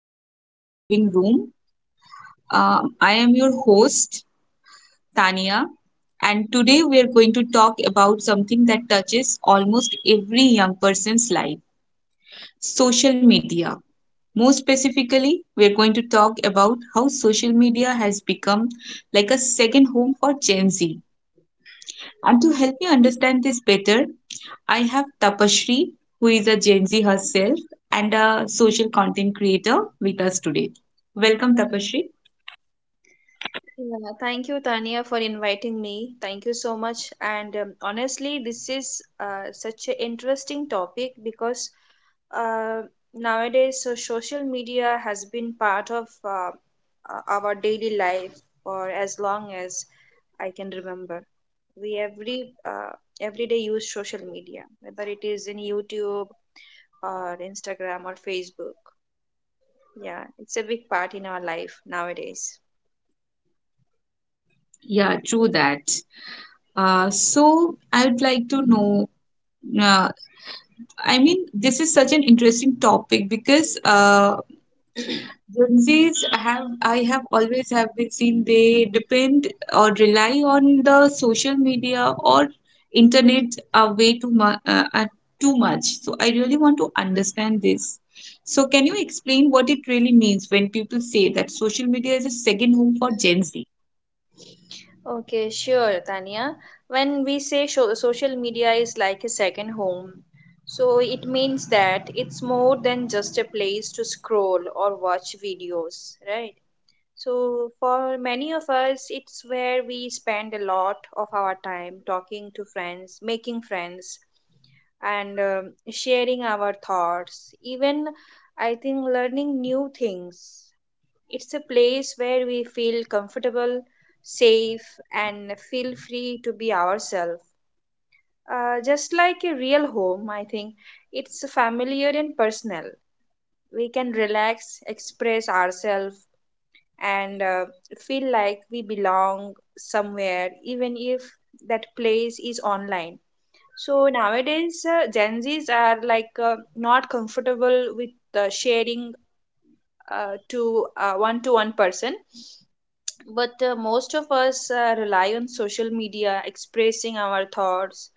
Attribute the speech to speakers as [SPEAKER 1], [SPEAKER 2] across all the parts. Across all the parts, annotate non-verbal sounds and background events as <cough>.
[SPEAKER 1] the Digital Living Room. I am your host, Tania, and today we are going to talk about something that touches almost every young person's life: social media. More specifically, we are going to talk about how social media has become like a second home for Gen Z. And to help me understand this better, I have Tapashri, who is a Gen Z herself and a social content creator with us today. Welcome, Tapashri.
[SPEAKER 2] Yeah, thank you, Tania, for inviting me. Thank you so much. And honestly, this is such an interesting topic because uh, nowadays, so social media has been part of our daily life for as long as I can remember. We every Every day use social media, whether it is in YouTube or Instagram or Facebook. Yeah, it's a big part in our life nowadays.
[SPEAKER 1] Yeah, true that. So I would like to know. Uh, I mean, this is such an interesting topic because
[SPEAKER 2] <clears throat>
[SPEAKER 1] Gen Zs have I have always have been seen they depend or rely on the social media or internet way too much too much. So I really want to understand this. So can you explain what it really means when people say that social media is a second home for Gen Z?
[SPEAKER 2] Okay, sure, Tania. When we say social media is like a second home, so it means that it's more than just a place to scroll or watch videos, right? So, for many of us, it's where we spend a lot of our time talking to friends, making friends, and sharing our thoughts, even I think learning new things. It's a place where we feel comfortable, safe, and feel free to be ourselves. Just like a real home, I think it's familiar and personal. We can relax, express ourselves, and feel like we belong somewhere, even if that place is online. So nowadays, Gen Zs are like not comfortable with sharing to one-to-one person. But most of us rely on social media expressing our thoughts.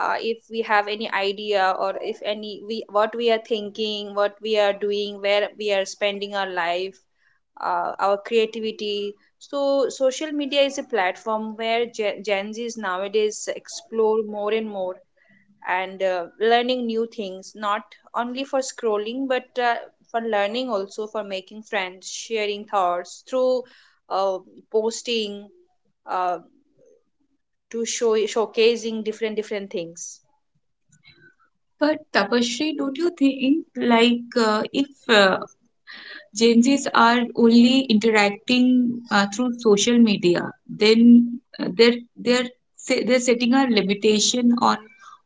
[SPEAKER 2] If we have any idea or if any we what we are thinking, what we are doing, where we are spending our life, our creativity. So social media is a platform where Gen Zs nowadays explore more and more and learning new things, not only for scrolling but for learning, also for making friends, sharing thoughts through uh, posting, uh, to show showcasing different things.
[SPEAKER 1] But Tapashri, don't you think like if Gen Zs are only interacting through social media? Then they're they're setting a limitation on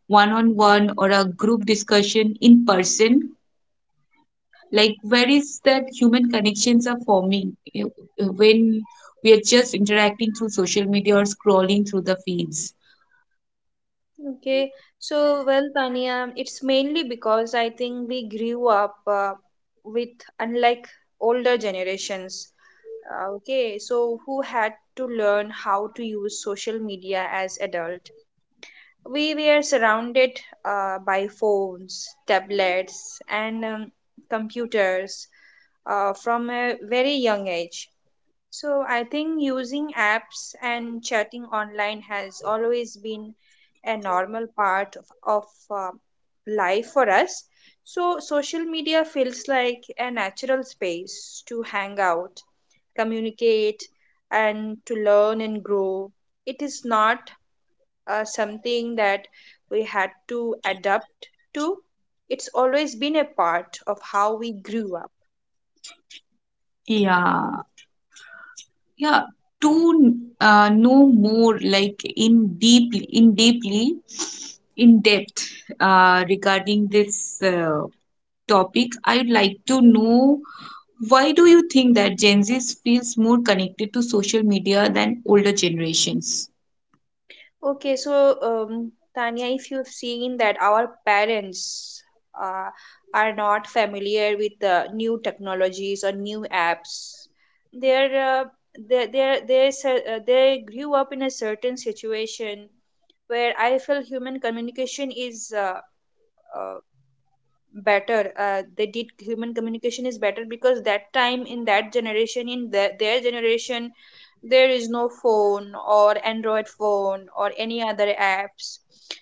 [SPEAKER 1] one-on-one or a group discussion in person. Like where is that human connections are forming when we are just interacting through social media or scrolling through the feeds?
[SPEAKER 2] Okay, so well, Tanya, it's mainly because I think we grew up with, unlike older generations okay, so who had to learn how to use social media as adult, we were surrounded by phones, tablets, and computers from a very young age. So I think using apps and chatting online has always been a normal part of, of life for us. So social media feels like a natural space to hang out, communicate, and to learn and grow. It is not something that we had to adapt to. It's always been a part of how we grew up.
[SPEAKER 1] Yeah, yeah, to know more like in deeply in depth regarding this uh, topic, I would like to know, why do you think that Gen Z feels more connected to social media than older generations?
[SPEAKER 2] Okay, so Tanya, if you've seen that our parents uh, are not familiar with the new technologies or new apps, they're they se- they grew up in a certain situation where I feel human communication is uh, better. They did Human communication is better because that time, in that generation, in their generation, there is no phone or android phone or any other apps.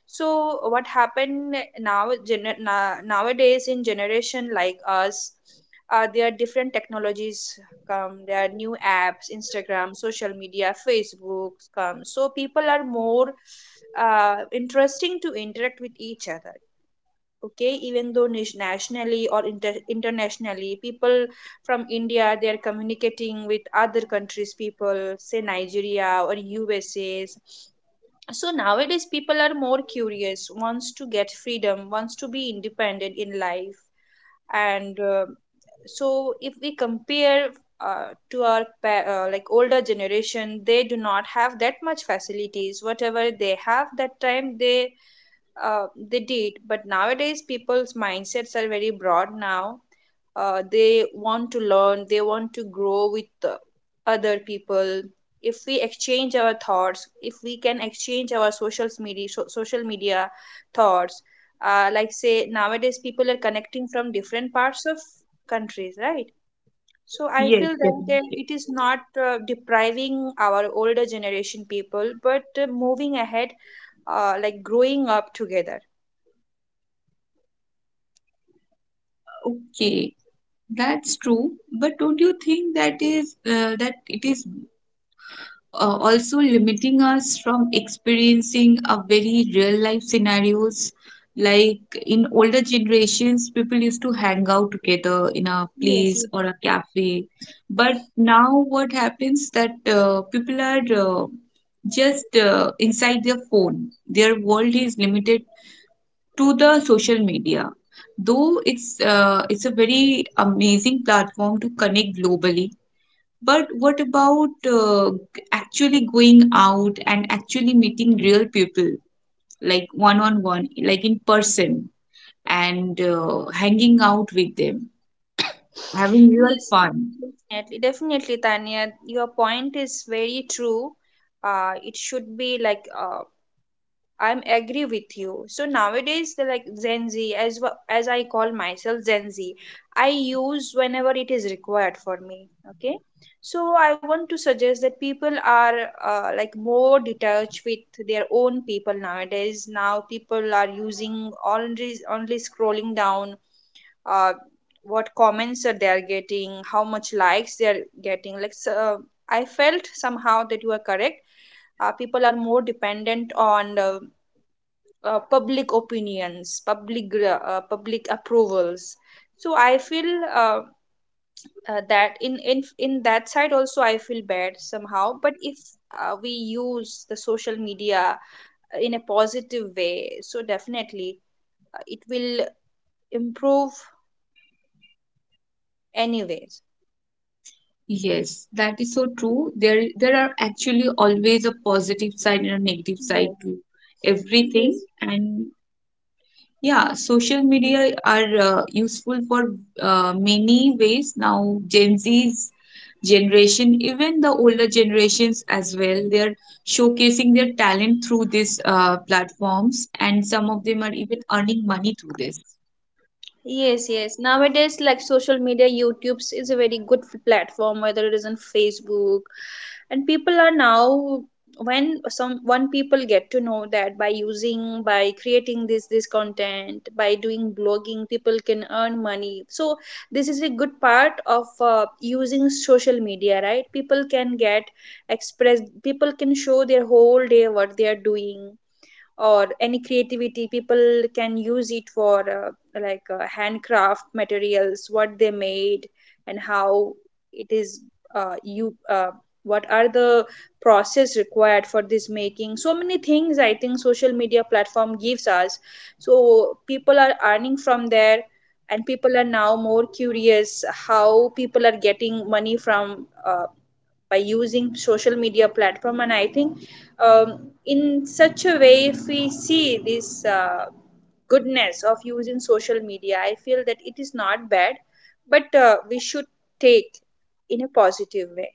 [SPEAKER 2] So what happened now, nowadays, in generation like us, there are different technologies come, there are new apps, Instagram, social media, Facebook come, so people are more interesting to interact with each other. Okay, even though nationally or internationally, people from India, they are communicating with other countries people, say Nigeria or USAs. So nowadays people are more curious, wants to get freedom, wants to be independent in life, and so if we compare like older generation, they do not have that much facilities. Whatever they have that time, they did. But nowadays people's mindsets are very broad now. They want to learn, they want to grow with other people. If we exchange our thoughts, if we can exchange our social media, social media thoughts, like say, nowadays people are connecting from different parts of countries, right? So I
[SPEAKER 1] Yes,
[SPEAKER 2] feel that there,
[SPEAKER 1] definitely.
[SPEAKER 2] it is not depriving our older generation people, but moving ahead, like growing up together.
[SPEAKER 1] Okay, that's true, but don't you think that is that it is also limiting us from experiencing a very real life scenarios? Like in older generations people used to hang out together in a
[SPEAKER 2] Yes,
[SPEAKER 1] place
[SPEAKER 2] yes,
[SPEAKER 1] or a cafe, but now what happens that people are just inside their phone, their world is limited to the social media. Though it's a very amazing platform to connect globally, but what about actually going out and actually meeting real people, like one on one, like in person, and hanging out with them, having real
[SPEAKER 2] yes,
[SPEAKER 1] fun?
[SPEAKER 2] definitely, definitely, Tanya. Your point is very true. It should be like I'm agree with you. So nowadays, the like Gen Z, as as I call myself Gen Z, I use whenever it is required for me. Okay, so I want to suggest that people are like more detached with their own people nowadays. Now people are using only scrolling down, uh, what comments that they are getting, how much likes they are getting. Like so, I felt somehow that you are correct. People are more dependent on public opinions, public approvals. So I feel uh, that in that side also I feel bad somehow. But if we use the social media in a positive way, so definitely it will improve anyway.
[SPEAKER 1] Yes, that is so true. There are actually always a positive side and a negative side
[SPEAKER 2] Yes.
[SPEAKER 1] to everything,
[SPEAKER 2] Yes.
[SPEAKER 1] and yeah, social media are useful for many ways now. Gen Z's generation, even the older generations as well, they're showcasing their talent through these platforms, and some of them are even earning money through this.
[SPEAKER 2] Yes, yes. Nowadays, like social media, YouTube is a very good platform, whether it is on Facebook. And people are now, when some one people get to know that by creating this content, by doing blogging, people can earn money. So this is a good part of using social media, right? People can get expressed, people can show their whole day what they are doing, or any creativity people can use it for handcraft materials what they made, and how it is you what are the process required for this, making so many things I think social media platform gives us. So people are earning from there, and people are now more curious how people are getting money from by using social media platform. And I think um, in such a way, if we see this goodness of using social media, I feel that it is not bad, but we should take in a positive way.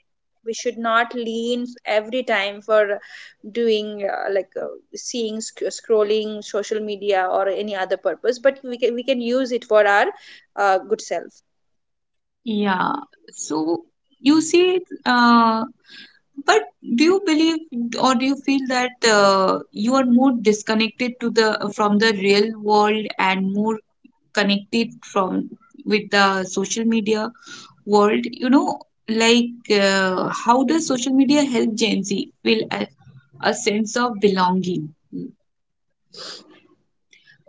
[SPEAKER 2] We should not lean every time for doing seeing scrolling social media or any other purpose, but we can, we can use it for our good self.
[SPEAKER 1] Yeah, so you see, but do you believe or do you feel that you are more disconnected to the from the real world and more connected from with the social media world, you know? Like how does social media help Gen Z feel a sense of belonging?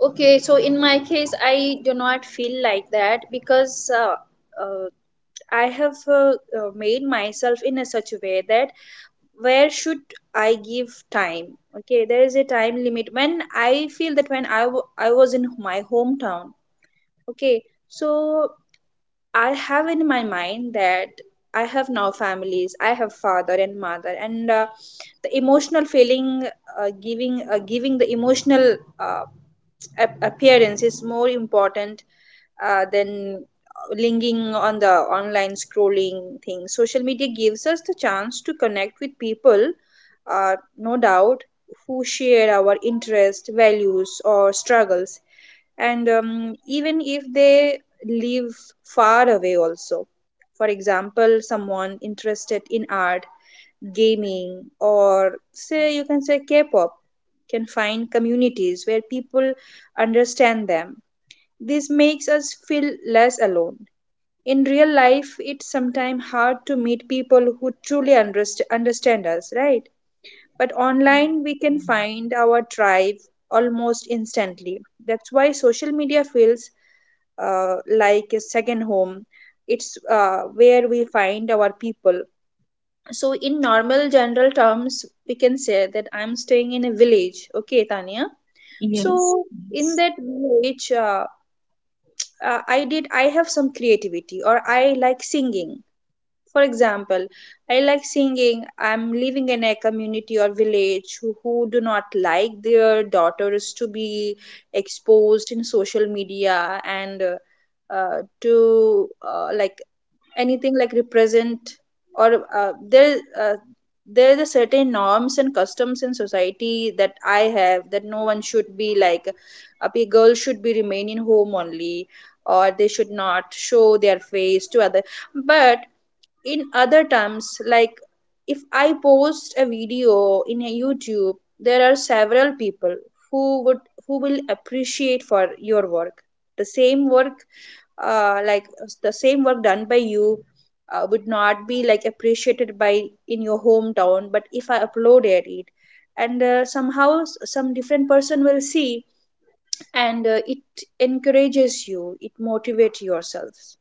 [SPEAKER 2] Okay, so in my case, I do not feel like that because uh, I have made myself in a such a way that where should I give time? Okay, there is a time limit. When I feel that, when I I was in my hometown, okay, so I have in my mind that I have now families, I have father and mother, and the emotional feeling, giving the emotional appearance is more important than linking on the online scrolling thing. Social media gives us the chance to connect with people, no doubt, who share our interests, values, or struggles, and even if they live far away, also. For example, someone interested in art, gaming, or say you can say K pop, can find communities where people understand them. This makes us feel less alone. In real life, it's sometimes hard to meet people who truly understand us, right? But online, we can find our tribe almost instantly. That's why social media feels like a second home. It's where we find our people. So, in normal general terms, we can say that I'm staying in a village. Okay, Tania.
[SPEAKER 1] Yes,
[SPEAKER 2] So, in that village, I have some creativity, or I like singing. For example, I like singing. I'm living in a community or village who do not like their daughters to be exposed in social media, and to like anything like represent, or there is a certain norms and customs in society that I have, that no one should be like a girl should be remain in home only, or they should not show their face to other. But in other terms, like, if I post a video in a YouTube, there are several people who would, who will appreciate for your work, the same work, uh, like the same work done by you would not be like appreciated by in your hometown. But if I uploaded it, and somehow some different person will see, and it encourages you, it motivates yourselves.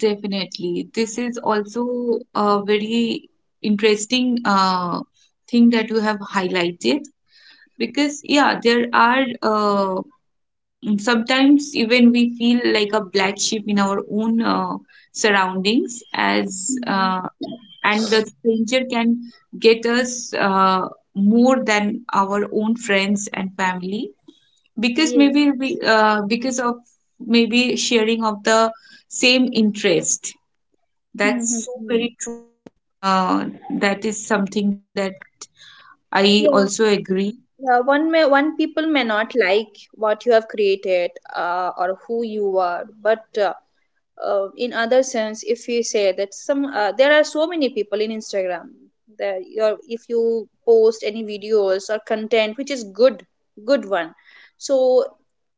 [SPEAKER 1] definitely. This is also a very interesting thing that you have highlighted, because yeah there are uh, mm, sometimes even we feel like a black sheep in our own surroundings, as
[SPEAKER 2] Mm.
[SPEAKER 1] and the stranger can get us more than our own friends and family, because
[SPEAKER 2] Yes,
[SPEAKER 1] maybe
[SPEAKER 2] yes.
[SPEAKER 1] we because of maybe sharing of the same interest. That's so
[SPEAKER 2] Mhm.
[SPEAKER 1] very true. Uh, that is something that I
[SPEAKER 2] Yeah,
[SPEAKER 1] also agree.
[SPEAKER 2] yeah. One people may not like what you have created, or who you are, but in other sense, if you say that some there are so many people in instagram that your if you post any videos or content which is good, good one, so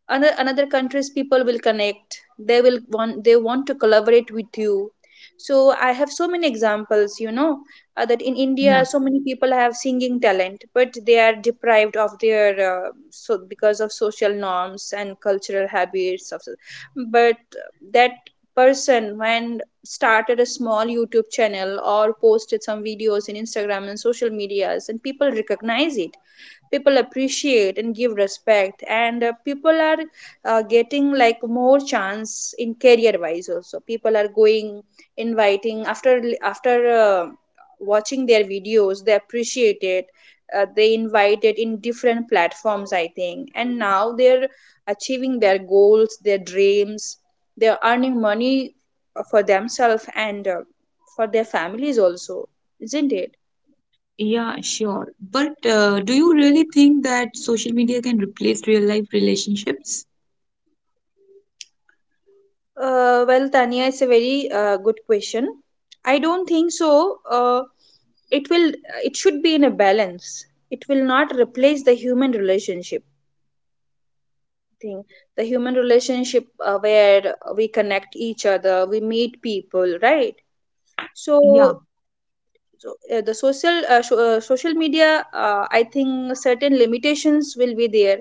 [SPEAKER 2] another country's people will connect, they will want, they want to collaborate with you. So I have so many examples. That in india
[SPEAKER 1] Yeah.
[SPEAKER 2] so many people have singing talent, but they are deprived of their so because of social norms and cultural habits of, but that person, when started a small youtube channel or posted some videos in instagram and social medias, and people recognize it, people appreciate and give respect. And people are getting like more chance in career wise also. People are going inviting after watching their videos, they appreciate it. They invite it in different platforms, I think, and now they're achieving their goals, their dreams. They're earning money for themselves and for their families also, isn't it?
[SPEAKER 1] Yeah, sure. But do you really think that social media can replace real life relationships?
[SPEAKER 2] Well, Tanya, it's a very good question. I don't think so. It will. It should be in a balance. It will not replace the human relationship thing. The human relationship where we connect each other, we meet people, right?
[SPEAKER 1] Yeah.
[SPEAKER 2] So, so, social media. I think certain limitations will be there.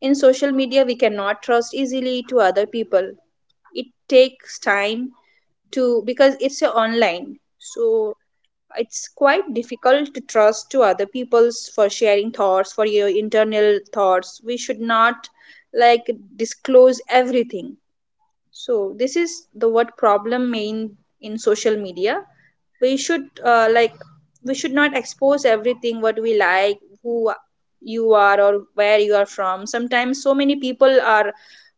[SPEAKER 2] In social media, we cannot trust easily to other people. It takes time to, because it's online, so it's quite difficult to trust to other people's, for sharing thoughts, for your internal thoughts we should not, like, disclose everything. So this is the what problem main in social media. We should, like, we should not expose everything: what we like, who you are, or where you are from. Sometimes so many people are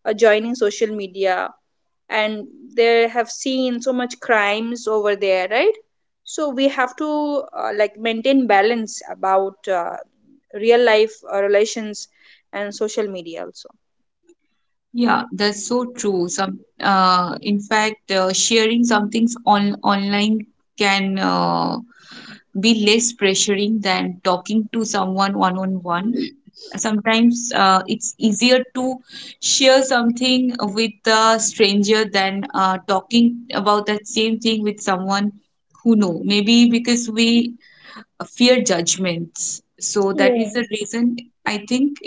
[SPEAKER 2] joining social media, and they have seen so much crimes over there, right? So we have to, like, maintain balance about real life relations and social media also.
[SPEAKER 1] Yeah, that's so true. Some, in fact, sharing some things on online can be less pressuring than talking to someone one on one.
[SPEAKER 2] Yes.
[SPEAKER 1] Sometimes it's easier to share something with a stranger than talking about that same thing with someone who know. Maybe because we fear judgments. So that is the reason I think,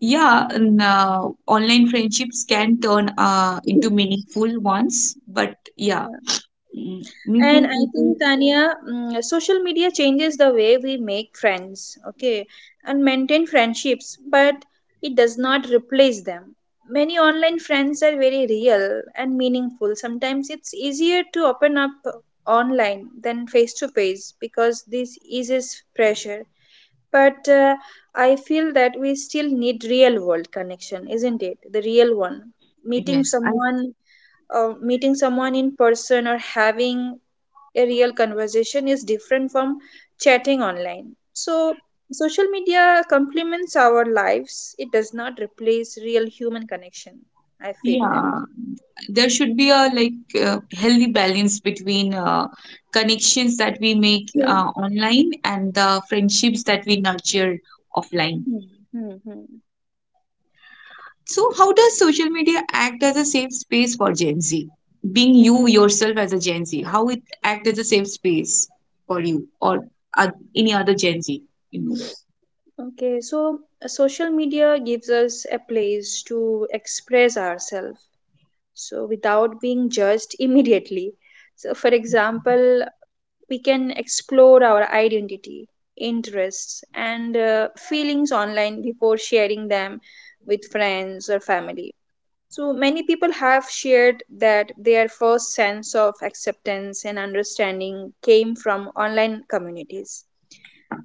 [SPEAKER 1] yeah, online friendships can turn into
[SPEAKER 2] <coughs>
[SPEAKER 1] meaningful ones. But yeah,
[SPEAKER 2] Yeah.
[SPEAKER 1] mm,
[SPEAKER 2] And
[SPEAKER 1] meeting
[SPEAKER 2] I
[SPEAKER 1] people,
[SPEAKER 2] think, Tanya, mm, social media changes the way we make friends, okay, and maintain friendships, but it does not replace them. Many online friends are very real and meaningful. Sometimes it's easier to open up online than face to face, because this eases pressure. But I feel that we still need real world connection, isn't it? The real one. Meeting
[SPEAKER 1] yes, I
[SPEAKER 2] someone Meeting someone in person or having a real conversation is different from chatting online. So, social media complements our lives, it does not replace real human connection. I feel that.
[SPEAKER 1] yeah, there should be a like healthy balance between connections that we make
[SPEAKER 2] Hmm,
[SPEAKER 1] online and the friendships that we nurture offline.
[SPEAKER 2] hmm.
[SPEAKER 1] So, how does social media act as a safe space for Gen Z? Being you yourself as a Gen Z, how it act as a safe space for you or uh, any other Gen Z? You know,
[SPEAKER 2] Okay, so social media gives us a place to express ourselves so without being judged <laughs> immediately. So, for example, we can explore our identity, interests, and feelings online before sharing them with friends or family. So, many people have shared that their first sense of acceptance and understanding came from online communities,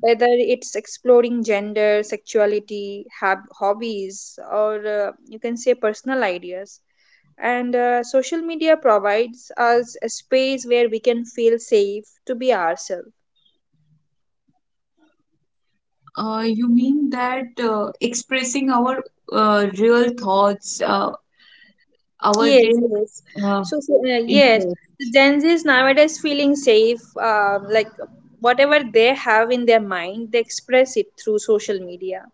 [SPEAKER 2] whether it's exploring gender, sexuality, hobbies, or you can say personal ideas. And social media provides us a space where we can feel safe to be ourselves.
[SPEAKER 1] you mean that expressing our real thoughts, our
[SPEAKER 2] Yes,
[SPEAKER 1] real
[SPEAKER 2] yes.
[SPEAKER 1] uh,
[SPEAKER 2] So, yes,
[SPEAKER 1] interests.
[SPEAKER 2] the Gen Z is nowadays feeling safe. Like whatever they have in their mind, they express it through social media.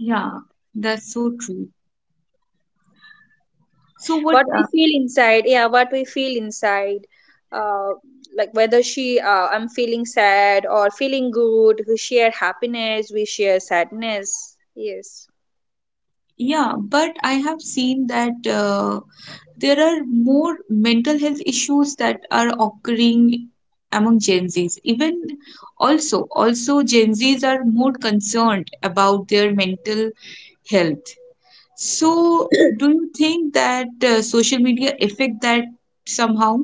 [SPEAKER 1] Yeah, that's so true. So what?
[SPEAKER 2] What we feel inside, yeah, what we feel inside, uh, like whether I'm feeling sad or feeling good. We share happiness. We share sadness. Yes.
[SPEAKER 1] Yeah, but I have seen that. There are more mental health issues that are occurring among Gen Zs. Even also, also Gen Zs are more concerned about their mental health. So, do you think that social media affect that somehow?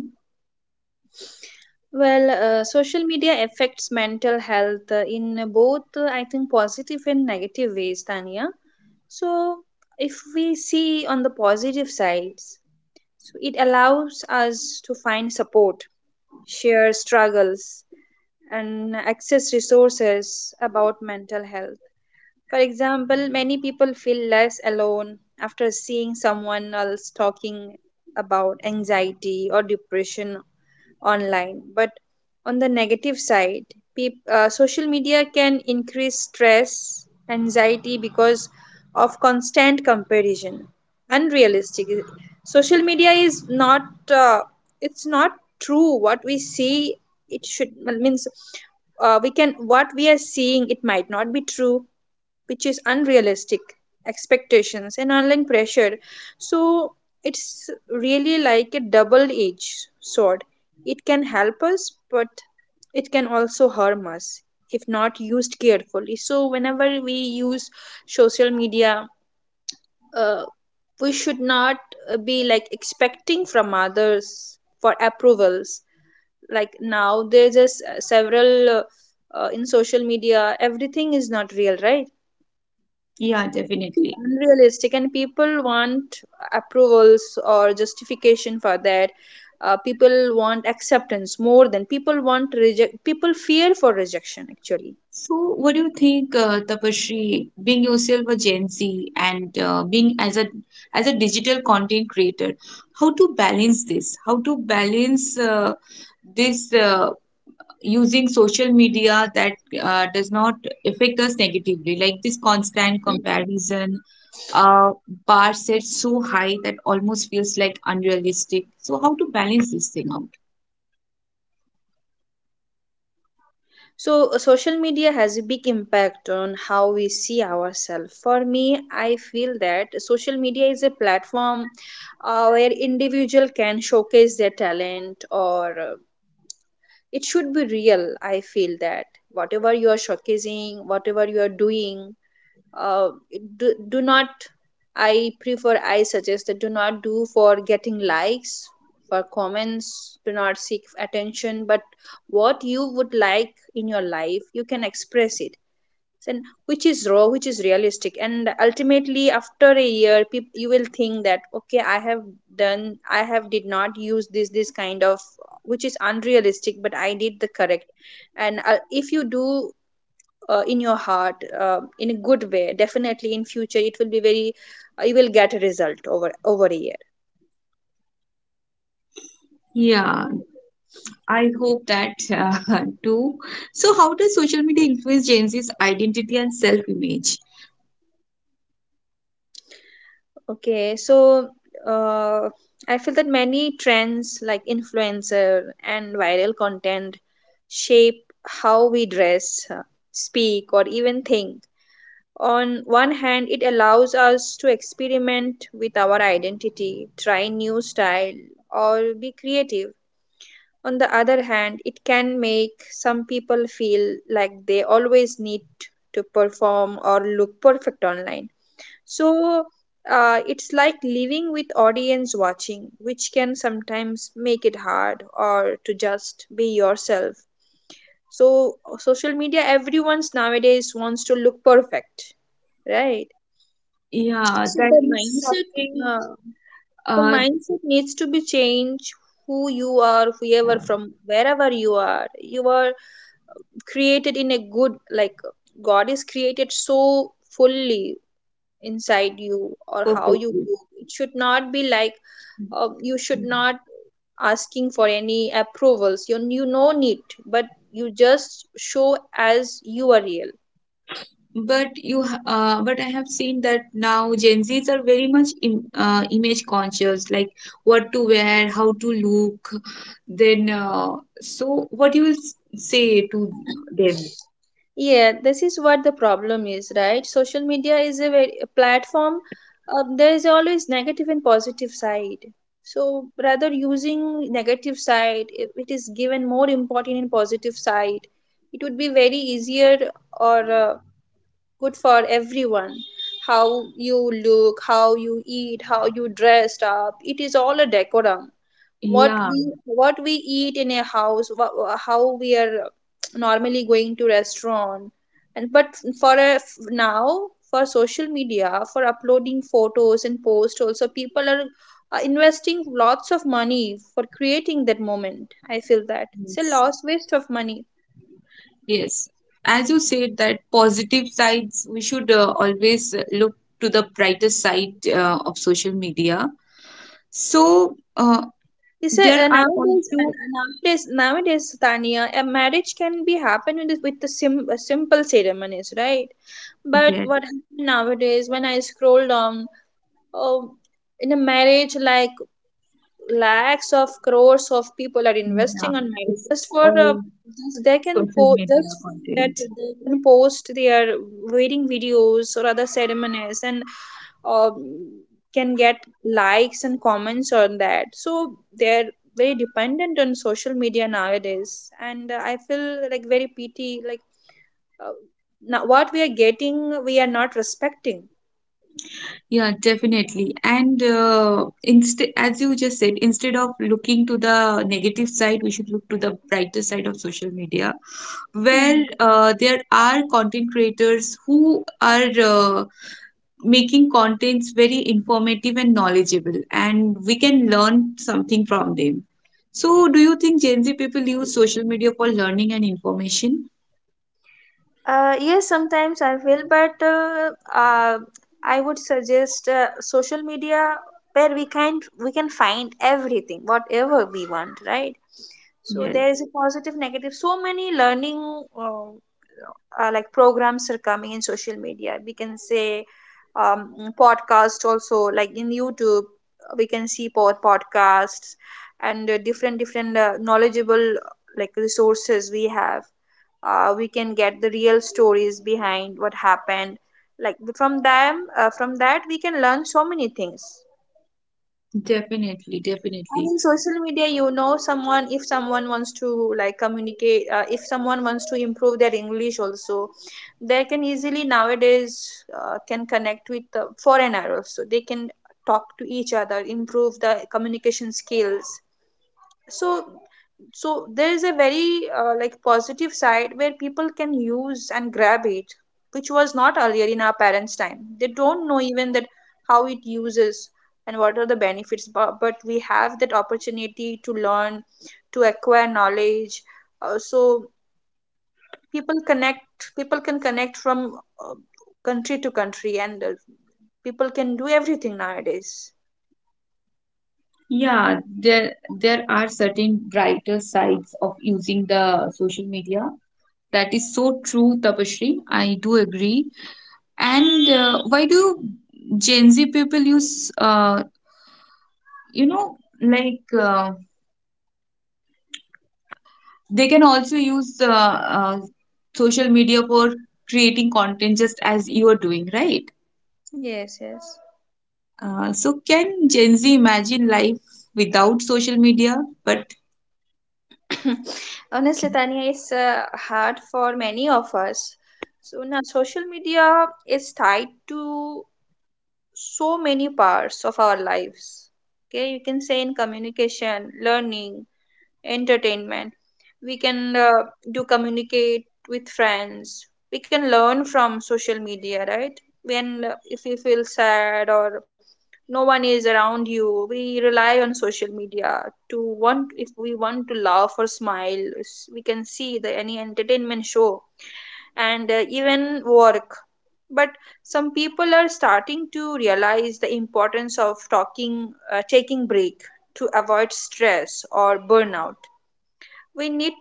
[SPEAKER 2] Well, social media affects mental health in both, I think, positive and negative ways, Tanya. So, if we see on the positive sides, so it allows us to find support, share struggles, and access resources about mental health. For example, many people feel less alone after seeing someone else talking about anxiety or depression online. But on the negative side, peop social media can increase stress, anxiety, because of constant comparison. Unrealistic. Social media is not. Uh, it's not true what we see. It should means we can what we are seeing. It might not be true, which is unrealistic expectations and online pressure. So it's really like a double edged sword. It can help us, but it can also harm us if not used carefully. So whenever we use social media, uh, we should not be like expecting from others for approvals, like now there's just several in social media everything is not real, right?
[SPEAKER 1] Yeah,
[SPEAKER 2] Is
[SPEAKER 1] definitely.
[SPEAKER 2] unrealistic, and people want approvals or justification for that. People want acceptance, more than people want reject, people fear for rejection actually.
[SPEAKER 1] So, what do you think, Tapasree, being yourself a Gen Z and being as a digital content creator, how to balance this? How to balance this using social media that does not affect us negatively, like this constant comparison, uh, bar set so high that almost feels like unrealistic. So, how to balance this thing out?
[SPEAKER 2] So social media has a big impact on how we see ourselves. For me, I feel that social media is a platform where individual can showcase their talent, or it should be real. I feel that whatever you are showcasing, whatever you are doing, uh, do not, I prefer, I suggest that do not do for getting likes, for comments, do not seek attention, but what you would like in your life, you can express it, and which is raw, which is realistic, and ultimately after a year people, you will think that okay, I have done, I have did not use this this kind of, which is unrealistic, but I did the correct. And if you do in your heart, in a good way, definitely in future it will be very, you will get a result over a year.
[SPEAKER 1] Yeah, I hope that <laughs> too. So, how does social media influence Gen Z's identity and self image?
[SPEAKER 2] Okay, so uh, I feel that many trends like influencer and viral content shape how we dress, speak or even think. On one hand, it allows us to experiment with our identity, try new style or be creative. On the other hand, it can make some people feel like they always need to perform or look perfect online. So it's like living with audience watching, which can sometimes make it hard or to just be yourself. So social media, everyone's nowadays wants to look perfect, right?
[SPEAKER 1] Yeah,
[SPEAKER 2] So
[SPEAKER 1] that is something
[SPEAKER 2] the
[SPEAKER 1] uh,
[SPEAKER 2] mindset needs to be changed. Who you are, whoever from wherever you are created in a good, like, god is created, so fully inside you, or how you
[SPEAKER 1] perfectly.
[SPEAKER 2] move, it should not be like you should
[SPEAKER 1] Yeah.
[SPEAKER 2] not asking for any approvals. You no need, but you just show as you are, real.
[SPEAKER 1] But you, but I have seen that now Gen Zs are very much im image conscious, like what to wear, how to look. Then, so what you will say to them?
[SPEAKER 2] Yeah, this is what the problem is, right? Social media is a, very, a platform. There is always negative and positive side. So rather using negative side, if it is given more important in positive side, it would be very easier or good for everyone. How you look, how you eat, how you dressed up, it is all a decorum. what
[SPEAKER 1] Yeah.
[SPEAKER 2] we what we eat in a house, how we are normally going to restaurant, and but for a, now for social media, for uploading photos and posts also, people are investing lots of money for creating that moment. I feel that it's a
[SPEAKER 1] Yes.
[SPEAKER 2] loss waste of money.
[SPEAKER 1] Yes, as you said that positive sides, we should always look to the brighter side of social media. So
[SPEAKER 2] It's a,
[SPEAKER 1] there are
[SPEAKER 2] nowadays uh,
[SPEAKER 1] also
[SPEAKER 2] nowadays nowadays tania, a marriage can be happen with the simple ceremonies, right? But
[SPEAKER 1] yes,
[SPEAKER 2] what happened, nowadays when I scroll down, um, in a marriage, like, lakhs of crores of people are
[SPEAKER 1] yeah,
[SPEAKER 2] investing on marriage
[SPEAKER 1] it's
[SPEAKER 2] just for
[SPEAKER 1] all
[SPEAKER 2] just they can
[SPEAKER 1] social media
[SPEAKER 2] just that
[SPEAKER 1] content.
[SPEAKER 2] they can post their wedding videos or other ceremonies, and um, can get likes and comments on that. So they're very dependent on social media nowadays, and I feel like very pity, like uh, now what we are getting, we are not respecting.
[SPEAKER 1] Yeah, definitely. And instead, as you just said, instead of looking to the negative side, we should look to the brighter side of social media, where there are content creators who are making contents very informative and knowledgeable, and we can learn something from them. So, do you think Gen Z people use social media for learning and information?
[SPEAKER 2] Yes, sometimes I will, but I would suggest social media, where we can find everything, whatever we want, right? So there is
[SPEAKER 1] Yes,
[SPEAKER 2] a positive, negative. So many learning uh, like programs are coming in social media. We can say, um, podcast also, like in YouTube, we can see podcasts, and different different knowledgeable, like, resources we have. We can get the real stories behind what happened, like from them, from that we can learn so many things.
[SPEAKER 1] definitely,
[SPEAKER 2] And
[SPEAKER 1] definitely.
[SPEAKER 2] in social media, you know, someone, if someone wants to like communicate, if someone wants to improve their english also, they can easily nowadays can connect with the foreigner also. They can talk to each other, improve the communication skills. So so there is a very like positive side where people can use and grab it, which was not earlier in our parents time. They don't know even that how it uses, and what are the benefits, but we have that opportunity to learn, to acquire knowledge. So people connect, people can connect from uh, country to country, and people can do everything nowadays.
[SPEAKER 1] Yeah, there are certain brighter sides of using the social media. That is so true, Tapashri. I do agree. And why do Gen Z people use, you know, like they can also use social media for creating content just as you are doing, right?
[SPEAKER 2] Yes, yes.
[SPEAKER 1] So, can Gen Z imagine life without social media? But
[SPEAKER 2] <coughs> Honestly, Tanya, it's hard for many of us. So now social media is tied to so many parts of our lives. Okay, you can say in communication, learning, entertainment. We can do communicate with friends. We can learn from social media, right? When if we feel sad or no one is around you, we rely on social media to, want, if we want to laugh or smile, we can see the any entertainment show, and even work. But some people are starting to realize the importance of talking, taking break to avoid stress or burnout. We need,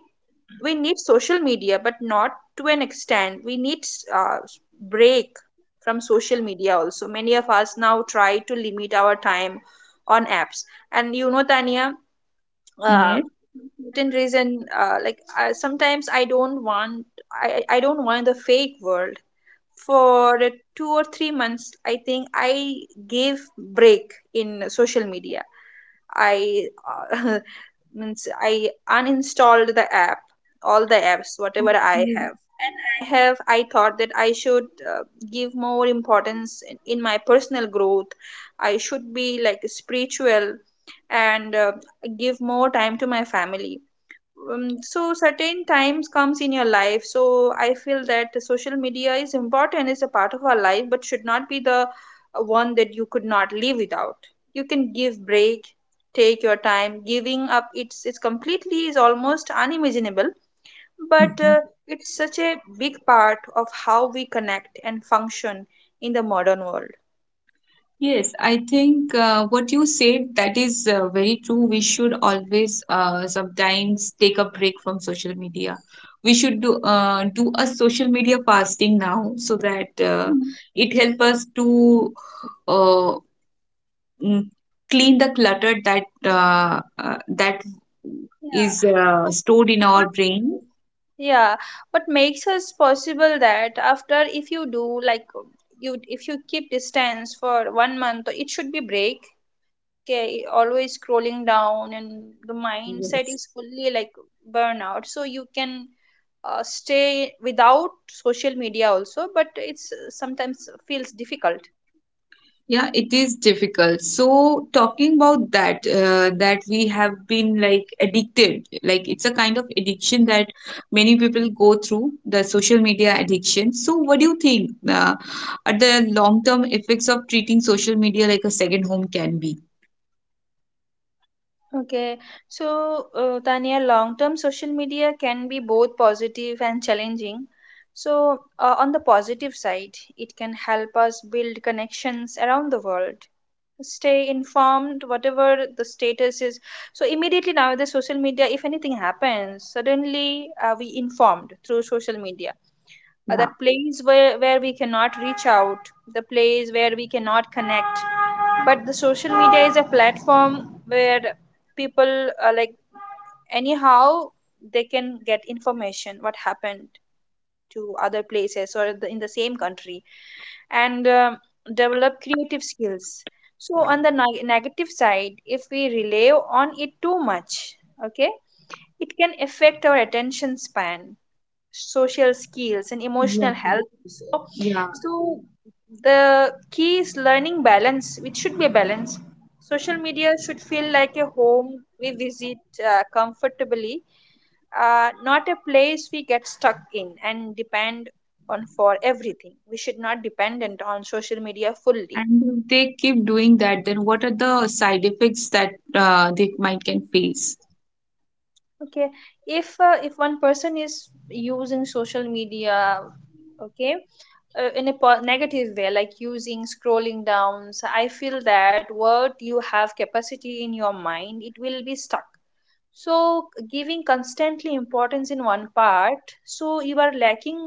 [SPEAKER 2] we need social media, but not to an extent. We need uh, break from social media also. Many of us now try to limit our time on apps. And you know Tanya, uh,
[SPEAKER 1] yes.
[SPEAKER 2] certain reason, like sometimes I don't want, I don't want the fake world. For 2 or 3 months, I think I gave break in social media. I uh, <laughs> means I uninstalled the app, all the apps, whatever I
[SPEAKER 1] Okay.
[SPEAKER 2] have. And I thought that I should uh, give more importance in my personal growth. I should be like spiritual, and give more time to my family. So certain times comes in your life. So I feel that the social media is important, is a part of our life, but should not be the one that you could not live without. You can give break, take your time. Giving up, it's completely is almost unimaginable, but
[SPEAKER 1] Mhm.
[SPEAKER 2] it's such a big part of how we connect and function in the modern world.
[SPEAKER 1] Yes, I think what you said that is very true. We should always sometimes take a break from social media. We should do do a social media fasting now so that
[SPEAKER 2] Mhm.
[SPEAKER 1] it help us to uh, mm, clean the clutter that that
[SPEAKER 2] Yeah.
[SPEAKER 1] is stored in
[SPEAKER 2] But
[SPEAKER 1] our brain.
[SPEAKER 2] yeah, what makes us possible that after, if you do like, you, if you keep distance for 1 month, so it should be break. Okay, always scrolling down and the mindset
[SPEAKER 1] Yes.
[SPEAKER 2] is fully like burnout, so you can stay without social media also, but it's, sometimes feels difficult.
[SPEAKER 1] Yeah, it is difficult. So talking about that, that we have been like addicted, like it's a kind of addiction that many people go through, the social media addiction. So what do you think are the long-term effects of treating social media like a second home can be?
[SPEAKER 2] Okay, so Tania, long-term social media can be both positive and challenging. So, on the positive side, it can help us build connections around the world, stay informed, whatever the status is. So, immediately now, the social media, if anything happens, suddenly we informed through social media.
[SPEAKER 1] Yeah,
[SPEAKER 2] That place where we cannot reach out, the place where we cannot connect, but the social media is a platform where people are like, anyhow, they can get information what happened to other places, or the, in the same country. And develop creative skills. So on the negative side, if we rely on it too much, okay, it can affect our attention span, social skills, and
[SPEAKER 1] yeah,
[SPEAKER 2] emotional health also.
[SPEAKER 1] yeah.
[SPEAKER 2] So the key is learning balance, which should be a balance. Social media should feel like a home we visit comfortably, not a place we get stuck in and depend on for everything. We should not dependent on social media fully.
[SPEAKER 1] And if they keep doing that, then what are the side effects that they might can face?
[SPEAKER 2] Okay, if one person is using social media, okay, in a negative way like using scrolling downs, I feel that what you have capacity in your mind, it will be stuck. So giving constantly importance in one part, so you are lacking,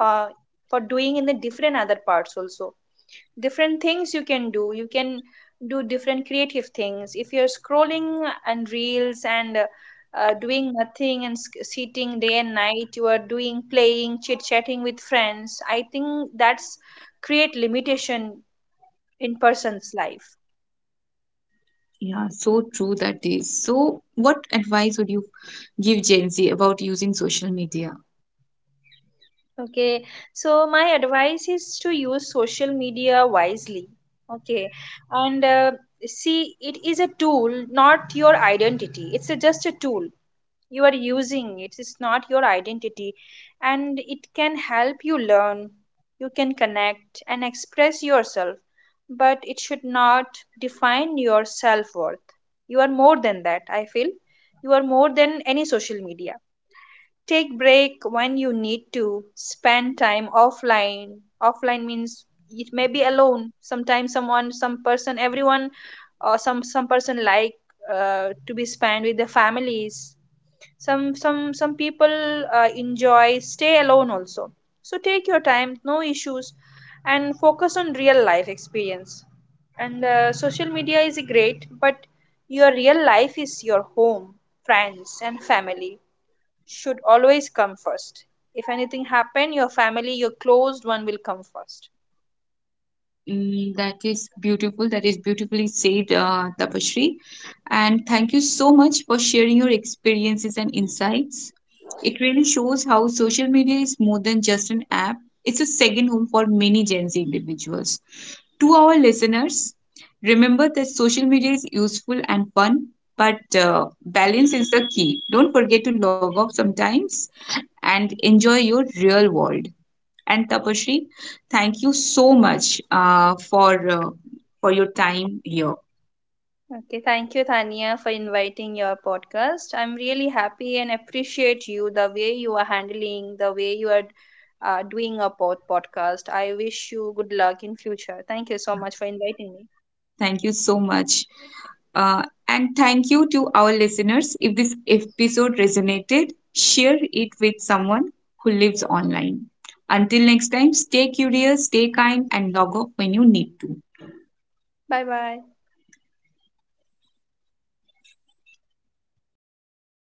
[SPEAKER 2] uh, for doing in the different other parts also. Different things you can do, you can do different creative things. If you're scrolling and reels and doing nothing and sitting day and night, you are doing playing chit chatting with friends, I think that's create limitation in person's life.
[SPEAKER 1] Yeah, so true that is. So, what advice would you give Gen Z about using social media?
[SPEAKER 2] Okay, so my advice is to use social media wisely. Okay, and see, it is a tool, not your identity. It's a, just a tool you are using. It is not your identity. And it can help you learn, you can connect and express yourself, but it should not define your self-worth. You are more than that, I feel. You are more than any social media. Take break when you need to, spend time offline. Offline means it may be alone sometimes, someone, some person, everyone, or some person like, to be spent with their families. Some people enjoy stay alone also. So take your time, no issues. And focus on real life experience. And social media is great, but your real life is your home. Friends and family should always come first. If anything happen, your family, your closed one will come first.
[SPEAKER 1] Mm, that is beautiful. That is beautifully said, Tapasree. And thank you so much for sharing your experiences and insights. It really shows how social media is more than just an app, it's a second home for many Gen Z individuals. To our listeners, remember that social media is useful and fun, but balance is the key. Don't forget to log off sometimes and enjoy your real world and Tapashri. Thank you so much for for your time here.
[SPEAKER 2] Okay, thank you, Thania, for inviting your podcast. I'm really happy and appreciate you the way you are handling, the way you are doing a podcast. I wish you good luck in future. Thank you so much for inviting me.
[SPEAKER 1] Thank you so much. Uh, and thank you to our listeners. If this episode resonated, share it with someone who lives online. Until next time, stay curious, stay kind, and log off when you need to.
[SPEAKER 2] Bye bye.